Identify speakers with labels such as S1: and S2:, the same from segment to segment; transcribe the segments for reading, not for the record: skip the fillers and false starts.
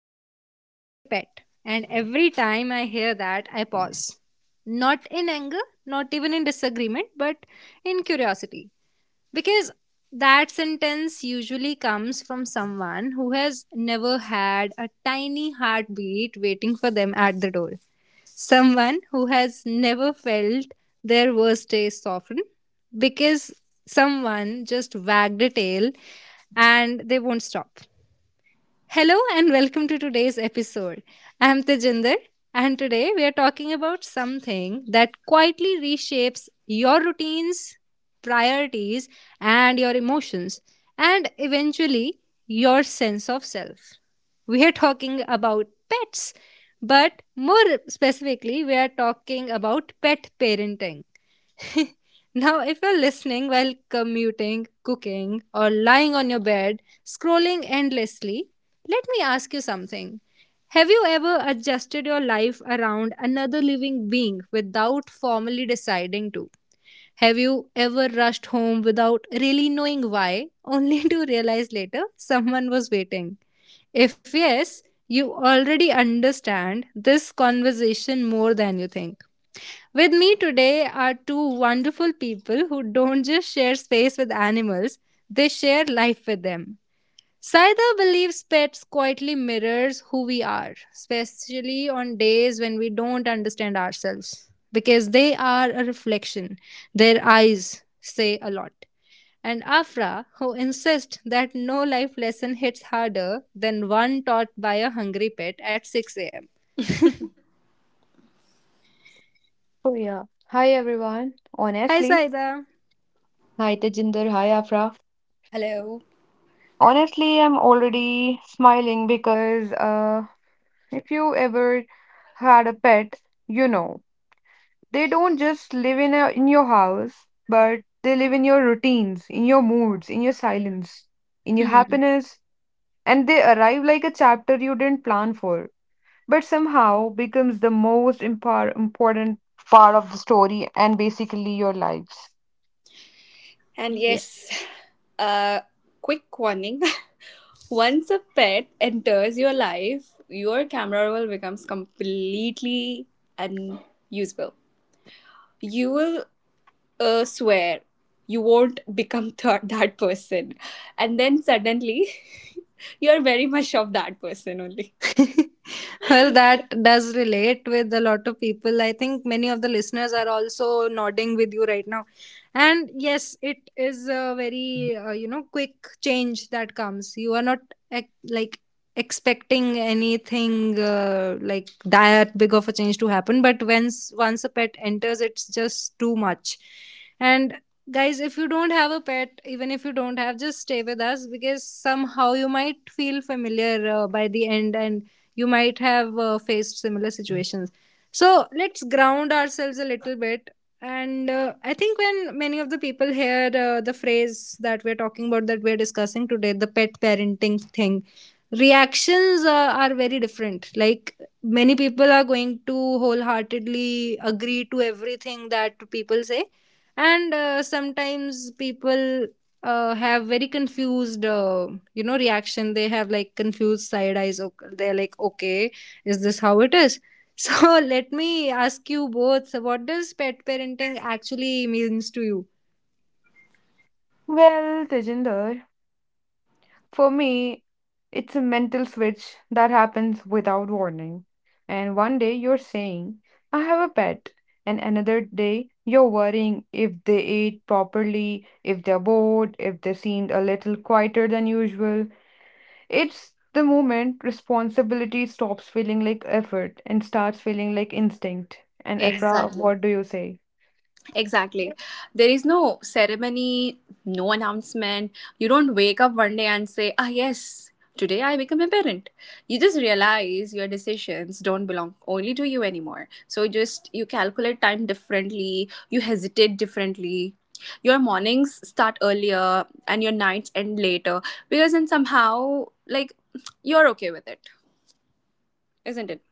S1: say it's just a pet, and every time I hear that, I pause. Not in anger, not even in disagreement, but in curiosity. Because that sentence usually comes from someone who has never had a tiny heartbeat waiting for them at the door. Someone who has never felt their worst days soften because someone just wagged a tail and they won't stop. Hello and welcome to today's episode. I'm Tejinder and today we are talking about something that quietly reshapes your routines, priorities, and your emotions, and eventually your sense of self. We are talking about pets, but more specifically, we are talking about pet parenting. Now, if you're listening while commuting, cooking, or lying on your bed, scrolling endlessly, let me ask you something. Have you ever adjusted your life around another living being without formally deciding to? Have you ever rushed home without really knowing why, only to realize later someone was waiting? If yes, you already understand this conversation more than you think. With me today are two wonderful people who don't just share space with animals, they share life with them. Saida believes pets quietly mirrors who we are, especially on days when we don't understand ourselves, because they are a reflection. Their eyes say a lot. And Afra, who insists that no life lesson hits harder than one taught by a hungry pet at 6 a.m.
S2: Oh, yeah. Hi, everyone.
S1: Hi,
S2: Honestly,
S1: Saida.
S2: Hi, Tejinder. Hi, Afra.
S3: Hello.
S2: Honestly, I'm already smiling because if you ever had a pet, you know, they don't just live in your house, but they live in your routines, in your moods, in your silence, in your
S1: Hmm.
S2: happiness, and they arrive like a chapter you didn't plan for, but somehow becomes the most important part of the story and basically your lives.
S3: And
S1: Yeah.
S3: yes, a quick warning. Once a pet enters your life, your camera roll becomes completely unusable. You will swear you won't become that person. And then suddenly, you're very much of that person only.
S1: Well, that does relate with a lot of people. I think many of the listeners are also nodding with you right now. And yes, it is a very quick change that comes. You are not like expecting anything like that big of a change to happen. But once a pet enters, it's just too much. And guys, if you don't have a pet, even if you don't have, just stay with us because somehow you might feel familiar by the end, and you might have faced similar situations. So let's ground ourselves a little bit, and I think when many of the people hear the phrase that we're talking about, that we're discussing today, the pet parenting thing, reactions are very different. Like many people are going to wholeheartedly agree to everything that people say, and sometimes people have very confused reaction. They have like confused side eyes. They're like, okay, is this how it is? So let me ask you both, so what does pet parenting actually means to you?
S2: Well, Tejinder, for me, it's a mental switch that happens without warning. And one day you're saying, I have a pet. And another day you're worrying if they ate properly, if they're bored, if they seemed a little quieter than usual. It's the moment responsibility stops feeling like effort and starts feeling like instinct. And Efra,
S3: Exactly.
S2: what do you say?
S3: Exactly. There is no ceremony, no announcement. You don't wake up one day and say, ah, yes, today I become a parent. You just realize your decisions don't belong only to you anymore. So just you calculate time differently, you hesitate differently. Your mornings start earlier and your nights end later because then somehow, like, you're okay with it, isn't it?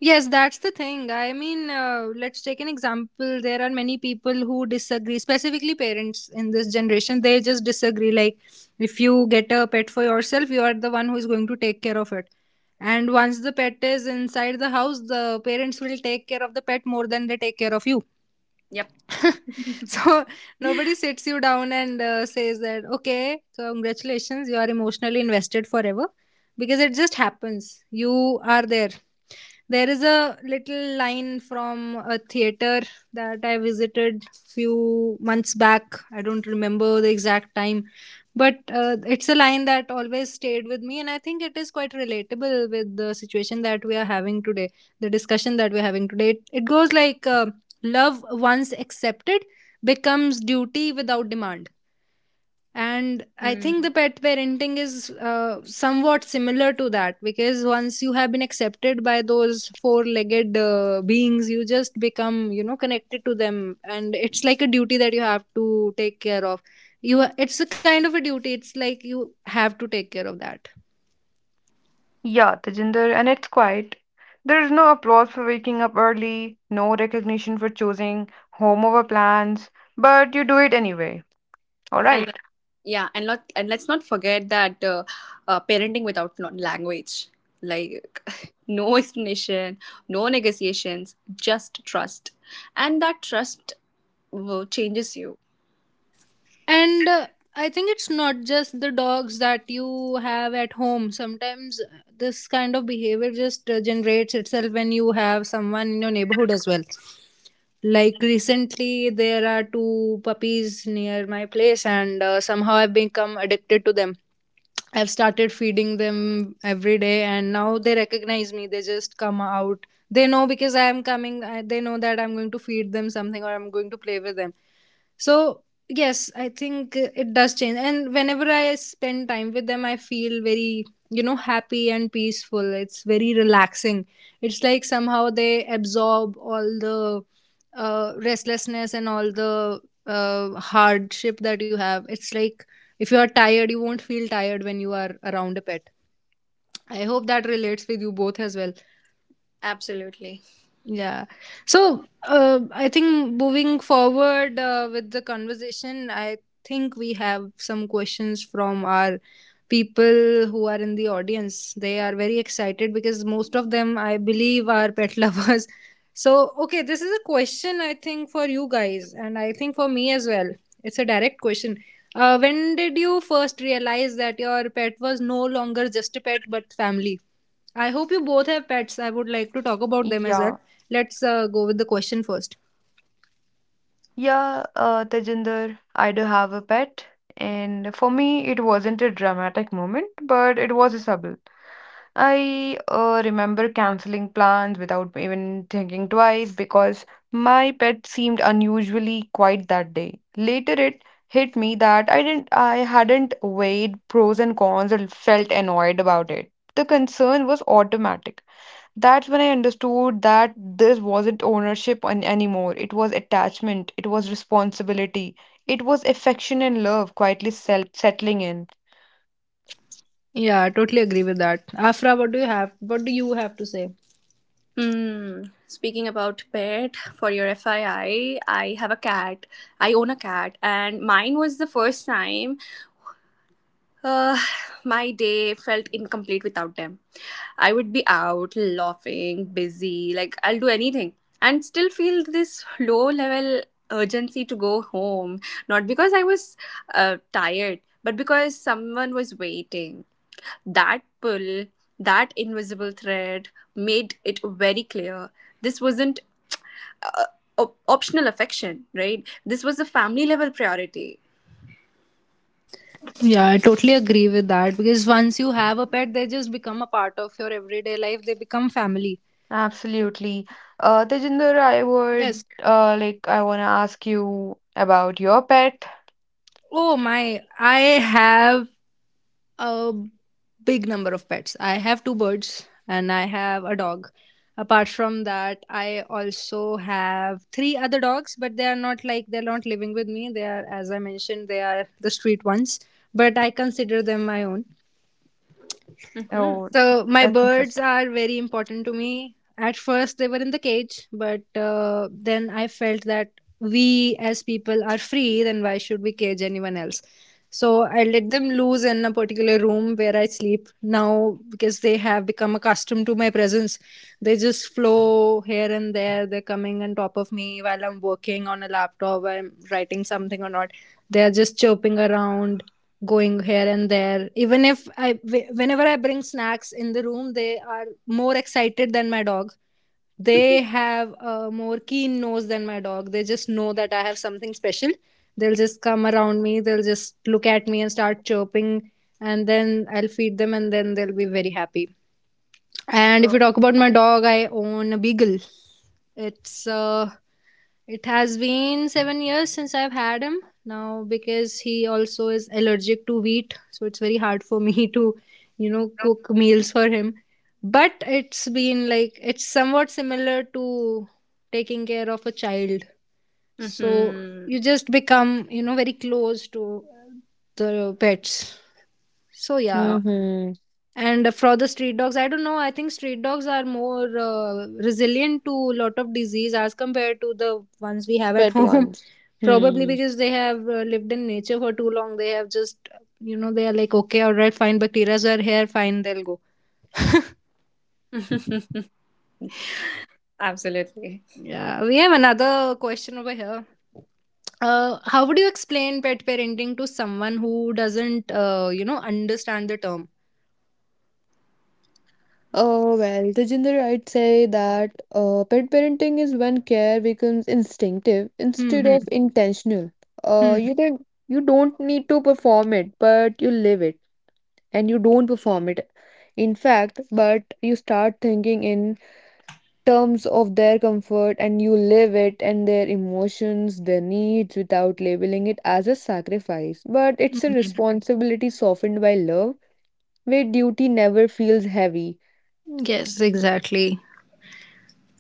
S1: Yes, that's the thing. I mean, let's take an example. There are many people who disagree, specifically parents in this generation. They just disagree. Like, if you get a pet for yourself, you are the one who is going to take care of it. And once the pet is inside the house, the parents will take care of the pet more than they take care of you.
S3: Yep.
S1: So nobody sits you down and says that, okay, congratulations, you are emotionally invested forever, because it just happens. You are there. There is a little line from a theater that I visited few months back. I don't remember the exact time, but it's a line that always stayed with me, and I think it is quite relatable with the situation that we are having today, the discussion that we're having today. It goes like love, once accepted, becomes duty without demand. And I think the pet parenting is somewhat similar to that, because once you have been accepted by those four legged beings, you just become, you know, connected to them. And it's like a duty that you have to take care of. It's a kind of a duty. It's like you have to take care of that.
S2: Yeah, Tejinder, and it's quiet. There's no applause for waking up early, no recognition for choosing home over plans, but you do it anyway. All right.
S3: and and let's not forget that parenting without language, like, no explanation, no negotiations, just trust. And that trust will changes you.
S1: And I think it's not just the dogs that you have at home. Sometimes this kind of behavior just generates itself when you have someone in your neighborhood as well. Like recently, there are two puppies near my place, and somehow I've become addicted to them. I've started feeding them every day, and now they recognize me. They just come out. They know because I am coming. They know that I'm going to feed them something or I'm going to play with them. So yes, I think it does change. And whenever I spend time with them, I feel very, you know, happy and peaceful. It's very relaxing. It's like somehow they absorb all the restlessness and all the hardship that you have. It's like if you are tired, you won't feel tired when you are around a pet. I hope that relates with you both as well.
S3: Absolutely.
S1: Yeah. So I think moving forward with the conversation, I think we have some questions from our people who are in the audience. They are very excited because most of them, I believe, are pet lovers. So, okay, this is a question I think for you guys, and I think for me as well. It's a direct question. When did you first realize that your pet was no longer just a pet but family? I hope you both have pets. I would like to talk about them as well.
S2: Yeah,
S1: Let's go with the question first.
S2: yeah, Tejinder, I do have a pet, and for me, it wasn't a dramatic moment, but it was a sub I remember canceling plans without even thinking twice because my pet seemed unusually quiet that day. Later it hit me that I hadn't weighed pros and cons and felt annoyed about it. The concern was automatic. That's when I understood that this wasn't ownership anymore. It was attachment, it was responsibility, it was affection and love quietly settling in.
S1: Yeah, I totally agree with that. Afra, what do you have? What do you have to say?
S3: Hmm. Speaking about pet, for your FII, I have a cat. I own a cat, and mine was the first time Uh, my day felt incomplete without them. I would be out, laughing, busy, like I'll do anything, and still feel this low level urgency to go home. Not because I was tired, but because someone was waiting. That pull, that invisible thread made it very clear. This wasn't uh, optional affection, right? This was a family level priority.
S1: Yeah, I totally agree with that because once you have a pet, they just become a part of your everyday life. They become family.
S2: Absolutely. Tejinder, I would
S1: Yes.
S2: like I want to ask you about your pet.
S1: Oh my, I have a big number of pets. I have two birds and I have a dog. Apart from that, I also have three other dogs, but they are not like they're not living with me. They are, as I mentioned, they are the street ones, but I consider them my own.
S3: Mm-hmm.
S2: Oh,
S1: So my
S2: that's
S1: birds
S2: interesting.
S1: are very important to me. At first, they were in the cage, but then I felt that we as people are free, then why should we cage anyone else? So I let them loose in a particular room where I sleep now because they have become accustomed to my presence. They just flow here and there. They're coming on top of me while I'm working on a laptop, while I'm writing something or not. They're just chirping around, going here and there. Even if whenever I bring snacks in the room, they are more excited than my dog. They have a more keen nose than my dog. They just know that I have something special. They'll just come around me. They'll just look at me and start chirping, and then I'll feed them and then they'll be very happy. And if
S3: Oh.
S1: we talk about my dog, I own a beagle. It's uh, it has been 7 years since I've had him now, because he also is allergic to wheat, so it's very hard for me to, cook meals for him. But it's been like it's somewhat similar to taking care of a child. So
S3: Mm-hmm.
S1: you just become, you know, very close to the pets. So yeah,
S2: Mm-hmm.
S1: and for the street dogs, I don't know. I think street dogs are more resilient to a lot of disease as compared to the ones we have at
S2: Pet
S1: home.
S2: ones.
S1: Probably
S2: Hmm.
S1: because they have lived in nature for too long. They have just, you know, they are like, okay, all right, fine, bacteria are here, fine, they'll go.
S3: Absolutely.
S1: Yeah, we have another question over here. How would you explain pet parenting to someone who doesn't understand the term?
S2: Oh well, Tejinder, I'd say that pet parenting is when care becomes instinctive
S1: Hmm.
S2: instead
S1: Hmm.
S2: of Mhm. intentional.
S1: Hmm.
S2: You don't need to perform it, but you live it, and you don't perform it. In fact, but you start thinking in terms of their comfort and you live it and their emotions, their needs without labeling it as a sacrifice. But
S1: Hmm.
S2: it's a
S1: Hmm.
S2: responsibility softened by love, where duty never feels heavy.
S1: Yes, exactly.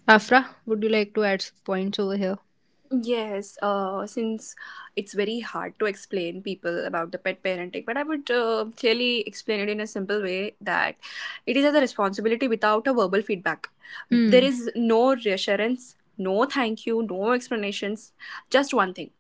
S1: Afra, would you like to add some points over here?
S3: Yes, since it's very hard to explain people about the pet parenting, but I would clearly explain it in a simple way that it is as a responsibility without a verbal feedback. There
S1: Hmm.
S3: is no reassurance, no thank you, no explanations, just one thing,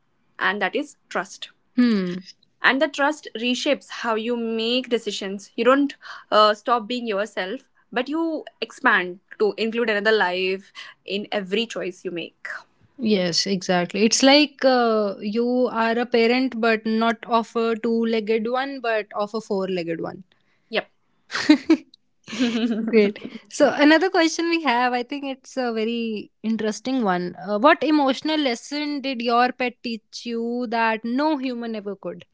S3: and that is trust.
S1: Hmm.
S3: And the trust reshapes how you make decisions. You don't stop being yourself, but you expand to include another life in every choice you make.
S1: Yes, exactly. It's like you are a parent, but not of a two legged one, but of a four legged one.
S3: Yep.
S1: Great. So, another question we have, I think it's a very interesting one. What emotional lesson did your pet teach you that no human ever could?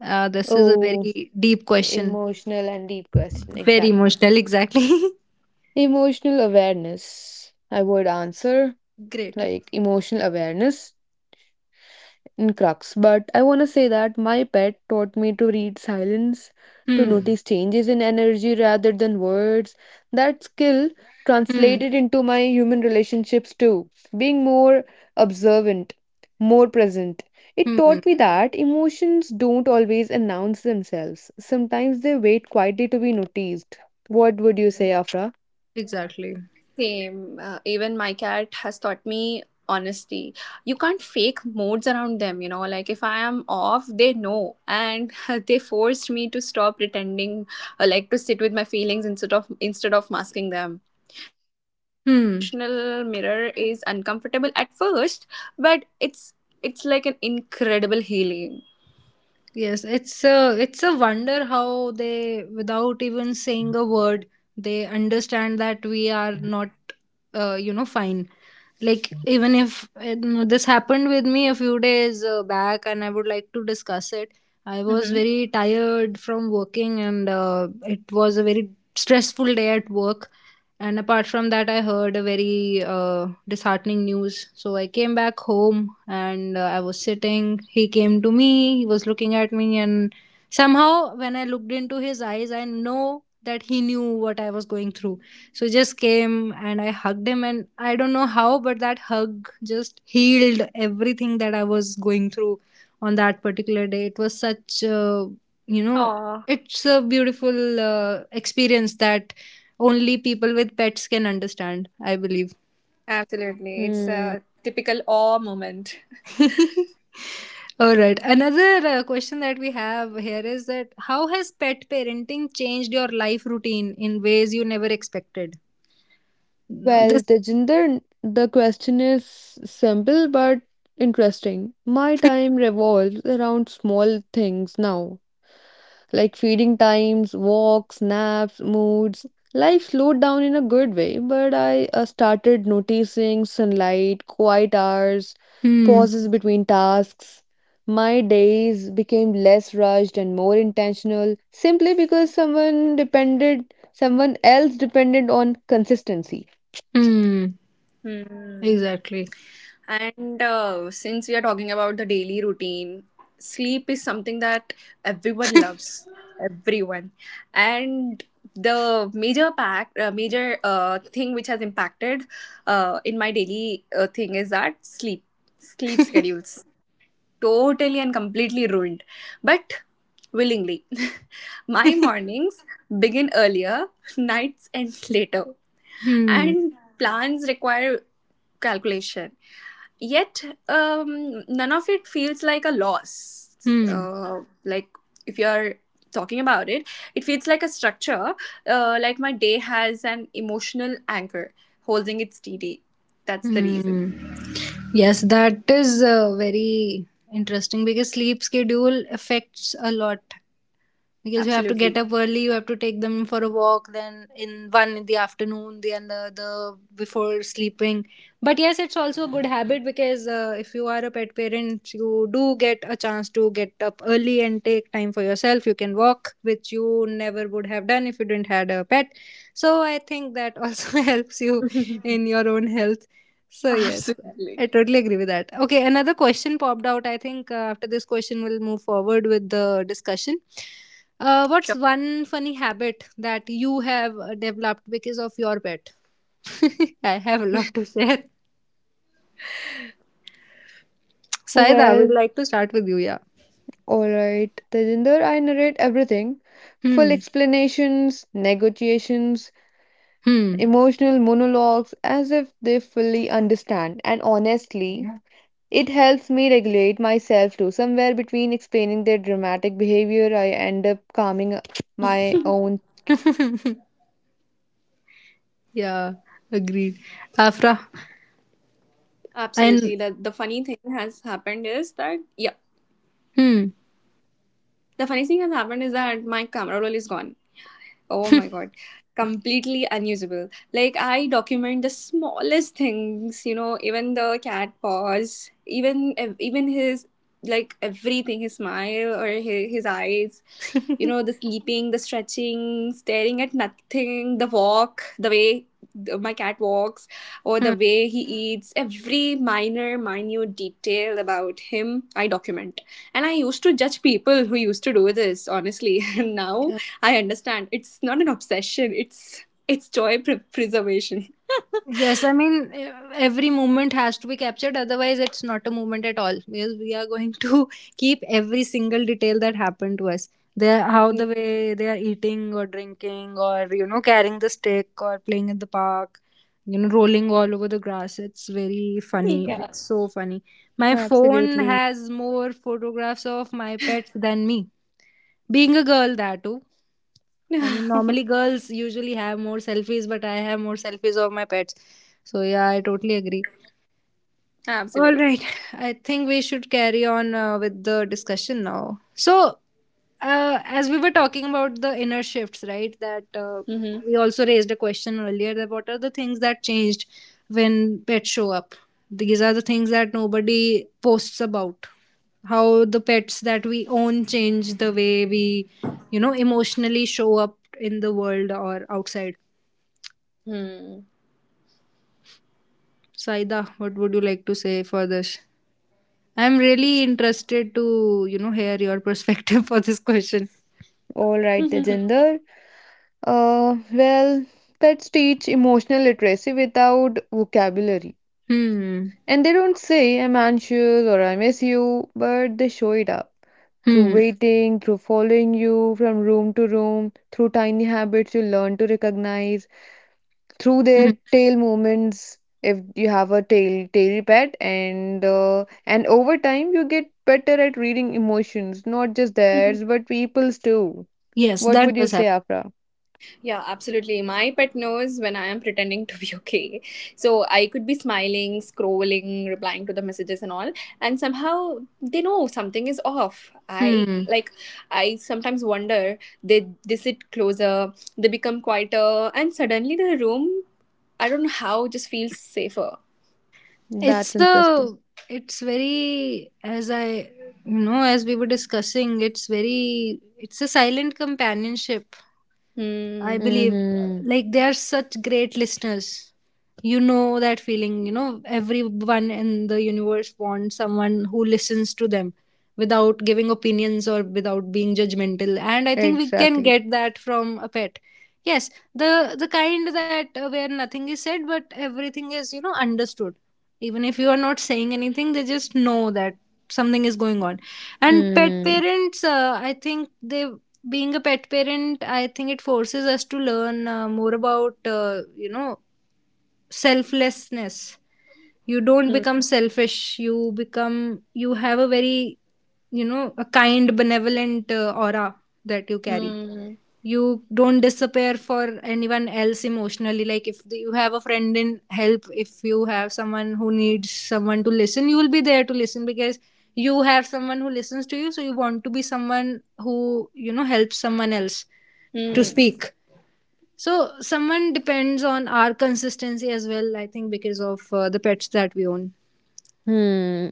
S1: This is a
S2: Oh,
S1: very deep question.
S2: emotional and deep question.
S1: Very
S2: Exactly.
S1: emotional, exactly.
S2: Emotional awareness, I would answer
S1: Great.
S2: like emotional awareness in crux, but I want to say that my pet taught me to read silence, to
S1: Hmm.
S2: notice changes in energy rather than words. That skill
S1: Hmm.
S2: translated into my human relationships too, being more observant, more present. It
S1: Hmm.
S2: taught me that emotions don't always announce themselves. Sometimes they wait quietly to be noticed. What would you say, Afra?
S1: Exactly.
S3: Same. Even my cat has taught me honesty. You can't fake modes around them, you know. Like if I am off, they know. And they forced me to stop pretending, like to sit with my feelings instead of masking them. So that kind of
S1: Hmm.
S3: emotional mirror is uncomfortable at first, but it's like an incredible healing.
S1: Yes, it's a wonder how they, without even saying a word, they understand that we are not, fine. Like even if no, this happened with me a few days back, and I would like to discuss it. I was
S3: Mm-hmm.
S1: very tired from working, and it was a very stressful day at work. And apart from that, I heard a very disheartening news. So I came back home and I was sitting. He came to me, he was looking at me, and somehow when I looked into his eyes, I know that he knew what I was going through. So just came and I hugged him, and I don't know how, but that hug just healed everything that I was going through on that particular day. It was you know,
S3: Oh,
S1: it's a beautiful experience that only people with pets can understand, I believe.
S3: absolutely. It's
S2: Hmm.
S3: a typical awe moment.
S1: All right. Another question that we have here is that how has pet parenting changed your life routine in ways you never expected? No,
S2: Well,
S1: this.
S2: Tejinder, the question is simple but interesting. My time revolves around small things now, like feeding times, walks, naps, moods. Life slowed down in a good way, but I started noticing sunlight, quiet hours,
S1: Hmm.
S2: pauses between tasks. My days became less rushed and more intentional simply because someone else depended on consistency.
S1: Hmm.
S3: Hmm.
S1: Exactly.
S3: And since we are talking about the daily routine, sleep is something that everyone loves, everyone. And the major thing which has impacted in my daily thing is that sleep, sleep schedules, totally and completely ruined, but willingly. My mornings begin earlier, nights end later,
S1: Hmm.
S3: and plans require calculation. Yet, none of it feels like a loss.
S1: Hmm.
S3: Like, if you're talking about it, it feels like a structure. Like, my day has an emotional anchor holding its TD. That's the reason.
S1: Hmm. Yes, that is very interesting because sleep schedule affects a lot because you have to get
S3: Absolutely.
S1: up early, you have to take them for a walk, then in one in the afternoon, the other the before sleeping. But yes, it's also a good habit because if you are a pet parent, you do get a chance to get up early and take time for yourself. You can walk, which you never would have done if you didn't had a pet. So I think that also helps you in your own health. So yes,
S3: Absolutely.
S1: I totally agree with that. Okay, another question popped out. I think after this question, we'll move forward with the discussion. What's
S3: Sure.
S1: one funny habit that you have developed because of your pet? I have a lot to share. Saida, I would
S2: Well,
S1: like to start with you. Yeah.
S2: Alright, Tejinder, I narrate everything full
S1: Hmm.
S2: explanations, negotiations,
S1: Hmm.
S2: emotional monologues as if they fully understand. And honestly, yeah, it helps me regulate myself too. Somewhere between explaining their dramatic behavior, I end up calming my own.
S1: Yeah. Agreed. Afra. And
S3: Absolutely. That the funny thing has happened is that yeah.
S1: hmm.
S3: The funny thing has happened is that my camera roll is gone. Oh my god, completely unusable. Like, I document the smallest things, you know, even the cat paws, even his, like, everything, his smile or his eyes, you know, the sleeping, the stretching, staring at nothing, the walk, the way my cat walks, or
S1: Hmm.
S3: the way he eats, every minor, minute detail about him, I document. And I used to judge people who used to do this, honestly. And now
S1: Yeah.
S3: I understand. It's not an obsession. It's joy preservation.
S1: Yes, I mean, every moment has to be captured, otherwise, it's not a moment at all because we are going to keep every single detail that happened to us. They how the way they are eating or drinking, or you know, carrying the stick or playing in the park, you know, rolling all over the grass. It's very funny.
S3: Yeah.
S1: It's so funny. My phone
S2: Absolutely.
S1: has more photographs of my pets than me. Being a girl, that too. I mean, normally girls usually have more selfies, but I have more selfies of my pets. So yeah, I totally agree. All
S3: Absolutely.
S1: right. I think we should carry on with the discussion now. So, as we were talking about the inner shifts, right? That
S3: Hmm.
S1: we also raised a question earlier, that what are the things that changed when pets show up? These are the things that nobody posts about. How the pets that we own change the way we, you know, emotionally show up in the world or outside.
S3: Hmm.
S1: Saida, what would you like to say for this? I'm really interested to, you know, hear your perspective for this question.
S2: Alright, Tejinder. Well, pets teach emotional literacy without vocabulary.
S1: Hmm.
S2: And they don't say, I'm anxious or I miss you, but they show it up through
S1: Hmm.
S2: waiting, through following you from room to room, through tiny habits you learn to recognize, through
S1: Hmm.
S2: their tail movements if you have a tail pet, and over time you get better at reading emotions, not just theirs but people's too.
S1: Yes,
S2: What would
S1: that
S2: you
S1: does
S2: say,
S1: happen.
S2: Afra?
S3: Yeah, absolutely. My pet knows when I am pretending to be okay. So I could be smiling, scrolling, replying to the messages and all, and somehow they know something is off. I,
S1: Hmm.
S3: like, I sometimes wonder they sit closer, they become quieter, and suddenly the room, I don't know how, just feels safer.
S1: It's
S2: That's interesting.
S1: the it's very, as I, you know, as we were discussing, it's very, it's a silent companionship, I
S3: 嗯，
S1: believe.
S2: Mhm.
S1: Like, they are such great listeners. You know that feeling, you know, everyone in the universe wants someone who listens to them without giving opinions or without being judgmental. And I think we can
S2: Exactly.
S1: get that from a pet. Yes, the kind that where nothing is said but everything is, you know, understood. Even if you are not saying anything, they just know that something is going on. And pet
S2: Hmm.
S1: parents, I think they being a pet parent, I think it forces us to learn more about, you know, selflessness. You don't
S3: 嗯，
S1: become selfish, you become, you have a very, you know, a kind, benevolent aura that you carry.
S3: 嗯，
S1: You don't disappear for anyone else emotionally. Like, if you have a friend in help, if you have someone who needs someone to listen, you will be there to listen because you have someone who listens to you, so you want to be someone who, you know, helps someone else to
S3: 嗯。
S1: speak. So someone depends on our consistency as well, I think, because of the pets that we own.
S2: Hmm.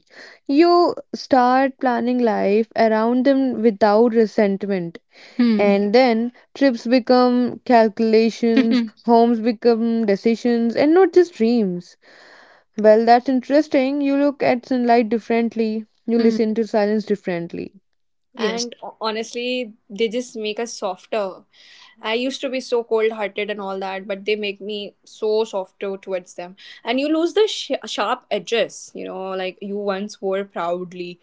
S2: You start planning life around them without resentment.
S1: Hmm.
S2: And then trips become calculations, homes become decisions, and not just dreams. Well, that's interesting. You look at sunlight differently, you
S1: Hmm.
S2: listen to silence differently.
S1: Yes.
S3: And honestly, they just make us softer. I used to be so cold hearted and all that, but they make me so softer towards them. And you lose the sharp edges, you know, like you once wore proudly.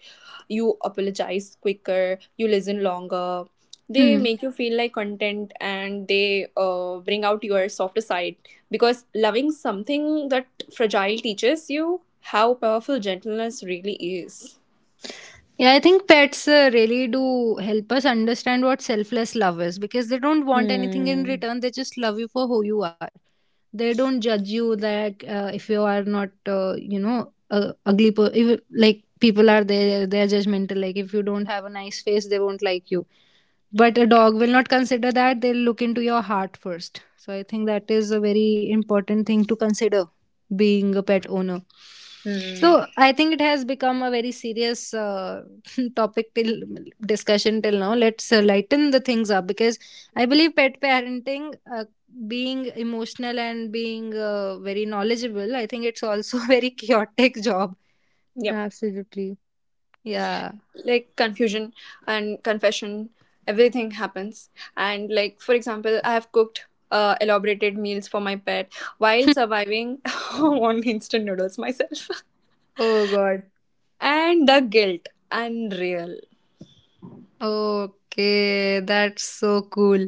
S3: You apologize quicker, you listen longer. They
S1: Hmm.
S3: make you feel like content, and they bring out your softer side, because loving something that fragile teaches you how powerful gentleness really is.
S1: Yeah, I think pets really do help us understand what selfless love is, because they don't want anything in
S2: Hmm.
S1: return. They just love you for who you are. They don't judge you that if you are not, you know, ugly. If, like, people are there, they are judgmental. Like, if you don't have a nice face, they won't like you. But a dog will not consider that. They'll look into your heart first. So I think that is a very important thing to consider being a pet owner.
S3: Hmm.
S1: So I think it has become a very serious topic till discussion till now. Let's lighten the things up, because I believe pet parenting, being emotional and being very knowledgeable, I think it's also a very chaotic job.
S2: Absolutely.
S1: Yeah.
S3: Like confusion and confession, everything happens. And, like, for example, I have cooked elaborated meals for my pet while surviving on instant noodles myself.
S1: Oh God.
S3: And the guilt, unreal.
S1: Okay, that's so cool.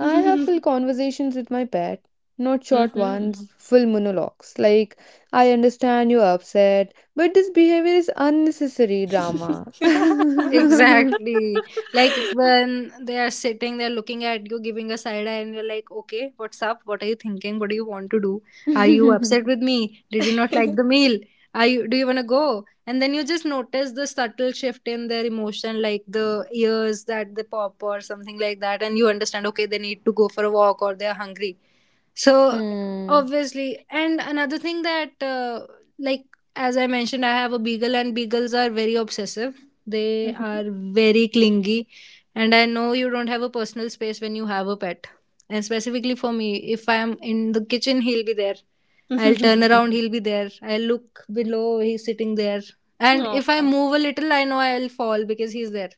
S2: I have full conversations with my pet, not short
S3: Mhm.
S2: ones, full monologues. Like, I understand you're upset, but this behavior is unnecessary drama. Hmm.
S1: Exactly. Like, when they are sitting there looking at you, giving a side eye, and you're like, okay, what's up? What are you thinking? What do you want to do? Are you upset with me? Did you not like the meal? Do you want to go? And then you just notice the subtle shift in their emotion, like the ears that they pop or something like that. And you understand, okay, they need to go for a walk or they're hungry. So obviously, and another thing that like as I mentioned, I have a beagle, and beagles are very obsessive. They are very clingy, and I know you don't have a personal space when you have a pet. And specifically for me, if I am in the kitchen, he'll be there. I'll turn around, he'll be there. I'll look below, he's sitting there. And
S3: Oh,
S1: if I move a little, I know I'll fall because he's there.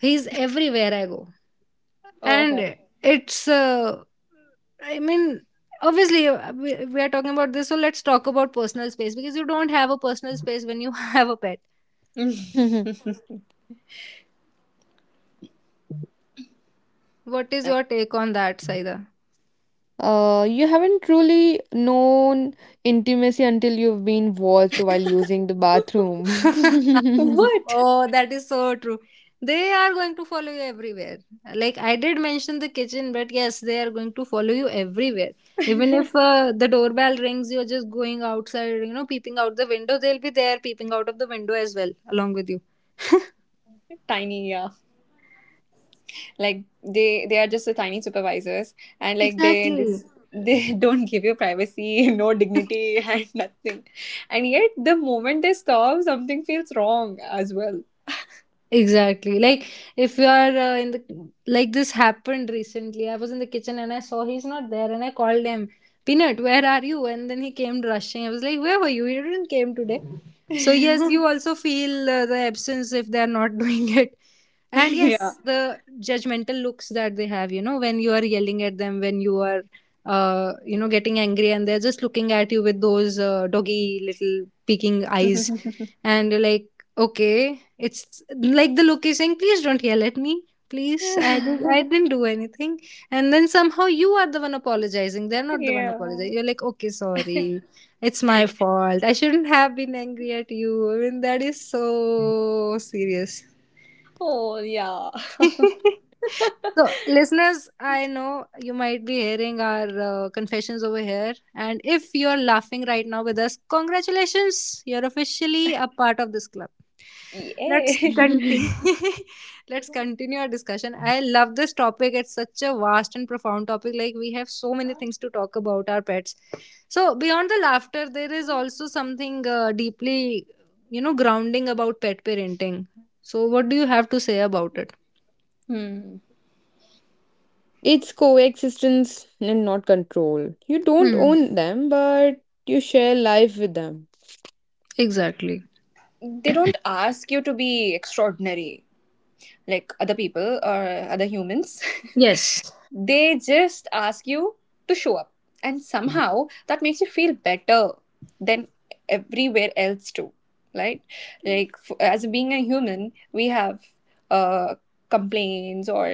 S1: He's everywhere I go.
S3: oh.
S1: And it's, I mean, obviously we are talking about this, so let's talk about personal space because you don't have a personal space when you have a pet. What is your take on that, Saida?
S2: You haven't truly known intimacy until you've been watched while using the bathroom.
S3: What?
S1: Oh, that is so true. They are going to follow you everywhere. Like, I did mention the kitchen, but yes, they are going to follow you everywhere. Even if the doorbell rings, you're just going outside, you know, peeping out the window, they'll be there peeping out of the window as well, along with you.
S3: Tiny, yeah. Like, they are just a tiny supervisors. And, like, they this
S1: Exactly.
S3: they don't give you privacy, no dignity and nothing. And yet the moment they stop, something feels wrong as well.
S1: Exactly. Like, if you are in the like this happened recently. I was in the kitchen and I saw he's not there, and I called him, Peanut, where are you? And then he came rushing. I was like, where were you? You didn't came today. So
S3: Yeah.
S1: yes, you also feel the absence if they are not doing it. And yes, the judgmental looks that they have, you know, when you are yelling at them, when you are, you know, getting angry, and they're just looking at you with those doggy little peeking eyes, and you're like, okay, it's like the look is saying, please don't yell at me. Please, I didn't do anything. And then somehow you are the one apologizing. They're not the one
S3: Yeah.
S1: apologizing. You're like, okay, sorry. It's my fault. I shouldn't have been angry at you. I mean, that is so serious.
S3: Oh yeah.
S1: So, listeners, I know you might be hearing our confessions over here. And if you're laughing right now with us, congratulations! You're officially a part of this club. Let's
S3: Yeah.
S1: continue. Let's continue our discussion. I love this topic. It's such a vast and profound topic. Like, we have so many things to talk about our pets. So beyond the laughter, there is also something deeply, you know, grounding about pet parenting. So what do you have to say about it?
S3: Hmm.
S2: It's coexistence and not control. You don't
S1: Hmm.
S2: own them, but you share life with them.
S1: Exactly.
S3: They don't ask you to be extraordinary like other people or other humans.
S1: Yes.
S3: They just ask you to show up. And somehow that makes you feel better than everywhere else, too. Right? Like, as being a human, we have uh, complaints or,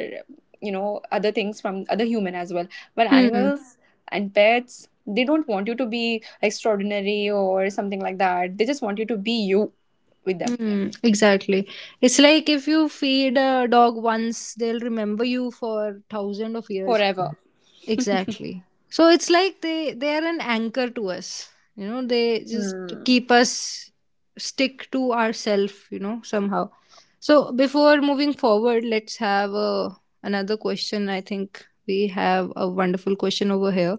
S3: you know, other things from other human as well. But
S1: Hmm.
S3: animals and pets, they don't want you to be extraordinary or something like that. They just want you to be you with them
S1: Hmm. Exactly. It's like, if you feed a dog once, they'll remember you for thousand of years.
S3: forever.
S1: Exactly. So it's like they are an anchor to us. You know, they just
S3: Hmm.
S1: keep us stick to ourself, you know, somehow. So before moving forward, let's have a, another question. I think we have a wonderful question over here.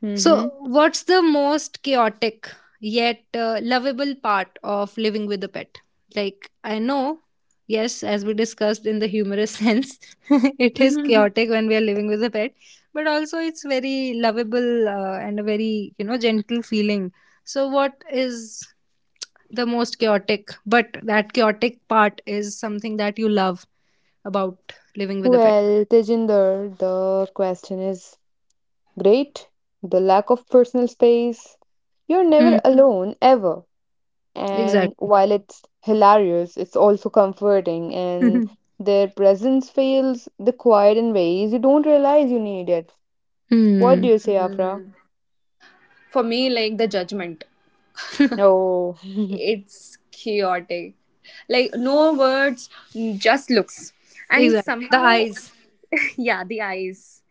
S2: Mm-hmm.
S1: So, what's the most chaotic yet lovable part of living with a pet? Like, I know, yes, as we discussed in the humorous sense, it is chaotic when we are living with a pet, but also it's very lovable and a very, you know, gentle feeling. So what is the most chaotic, but that chaotic part is something that you love about living with a pet.
S2: Well, Tejinder, the question is great. The lack of personal space. You're never
S1: Hmm.
S2: alone, ever. And
S1: Exactly.
S2: while it's hilarious, it's also comforting, and their presence feels the quiet in ways you don't realize you need it. What do
S1: Hmm.
S2: you say, Afra?
S3: For me, like the judgment.
S2: Oh.
S3: It's chaotic. Like, no words, just looks. And
S1: Exactly, the
S3: somehow
S1: eyes.
S3: yeah, the eyes.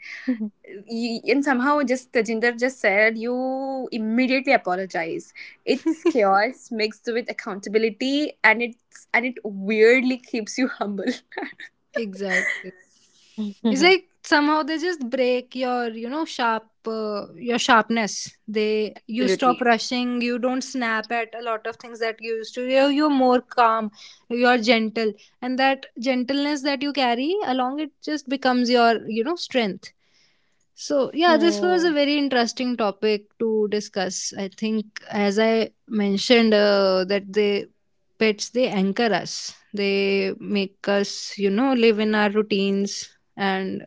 S3: And somehow, just Tajinder just said, you immediately apologize. It's chaos mixed with accountability, and it's, and it weirdly keeps you humble.
S1: Exactly. It's like somehow they just break your, you know, sharp, your sharpness. You stop
S3: Absolutely.
S1: rushing. You don't snap at a lot of things that you used to. You're more calm. You're gentle, and that gentleness that you carry along, it just becomes your, you know, strength. So, yeah, this was a
S2: Hmm.
S1: very interesting topic to discuss. I think, as I mentioned, that the pets, they anchor us, they make us, you know, live in our routines, and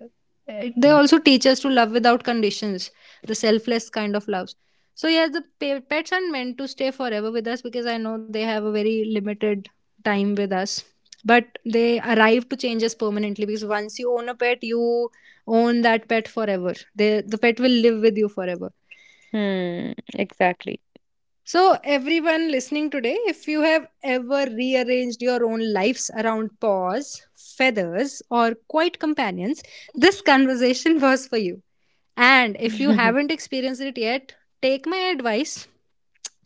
S1: they also teach us to love without conditions, the selfless kind of love. So, yeah, the pets aren't meant to stay forever with us, because I know they have a very limited time with us, but they arrive to change us permanently, because once you own a pet, you own that pet forever. The pet will live with you forever.
S2: Hmm, exactly.
S1: So, everyone listening today, if you have ever rearranged your own lives around paws, feathers, or quiet companions, this conversation was for you. And if you haven't experienced it yet, take my advice.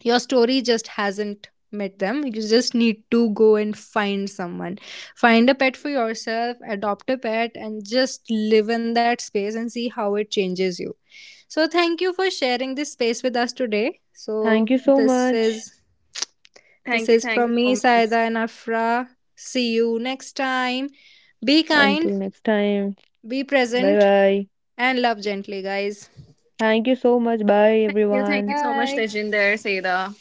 S1: Your story just hasn't met them. You just need to go and find someone. Find a pet for yourself, adopt a pet, and just live in that space and see how it changes you. So thank you for sharing this space with us today. So
S2: Thank you so
S1: this
S2: much.
S1: is this
S3: thank you
S1: is
S3: thank you
S1: from me,
S3: so much.
S1: Saida and Afra. See you next time. Be kind,
S2: Until next time.
S1: be
S2: Bye
S1: present,
S2: bye.
S1: and love gently, guys.
S2: Thank you so much. Bye
S3: Thank you
S2: everyone.
S3: so much,
S1: Bye.
S3: Tejinder, Saida.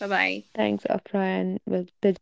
S3: Bye bye.
S2: Thanks, Afra, and well, the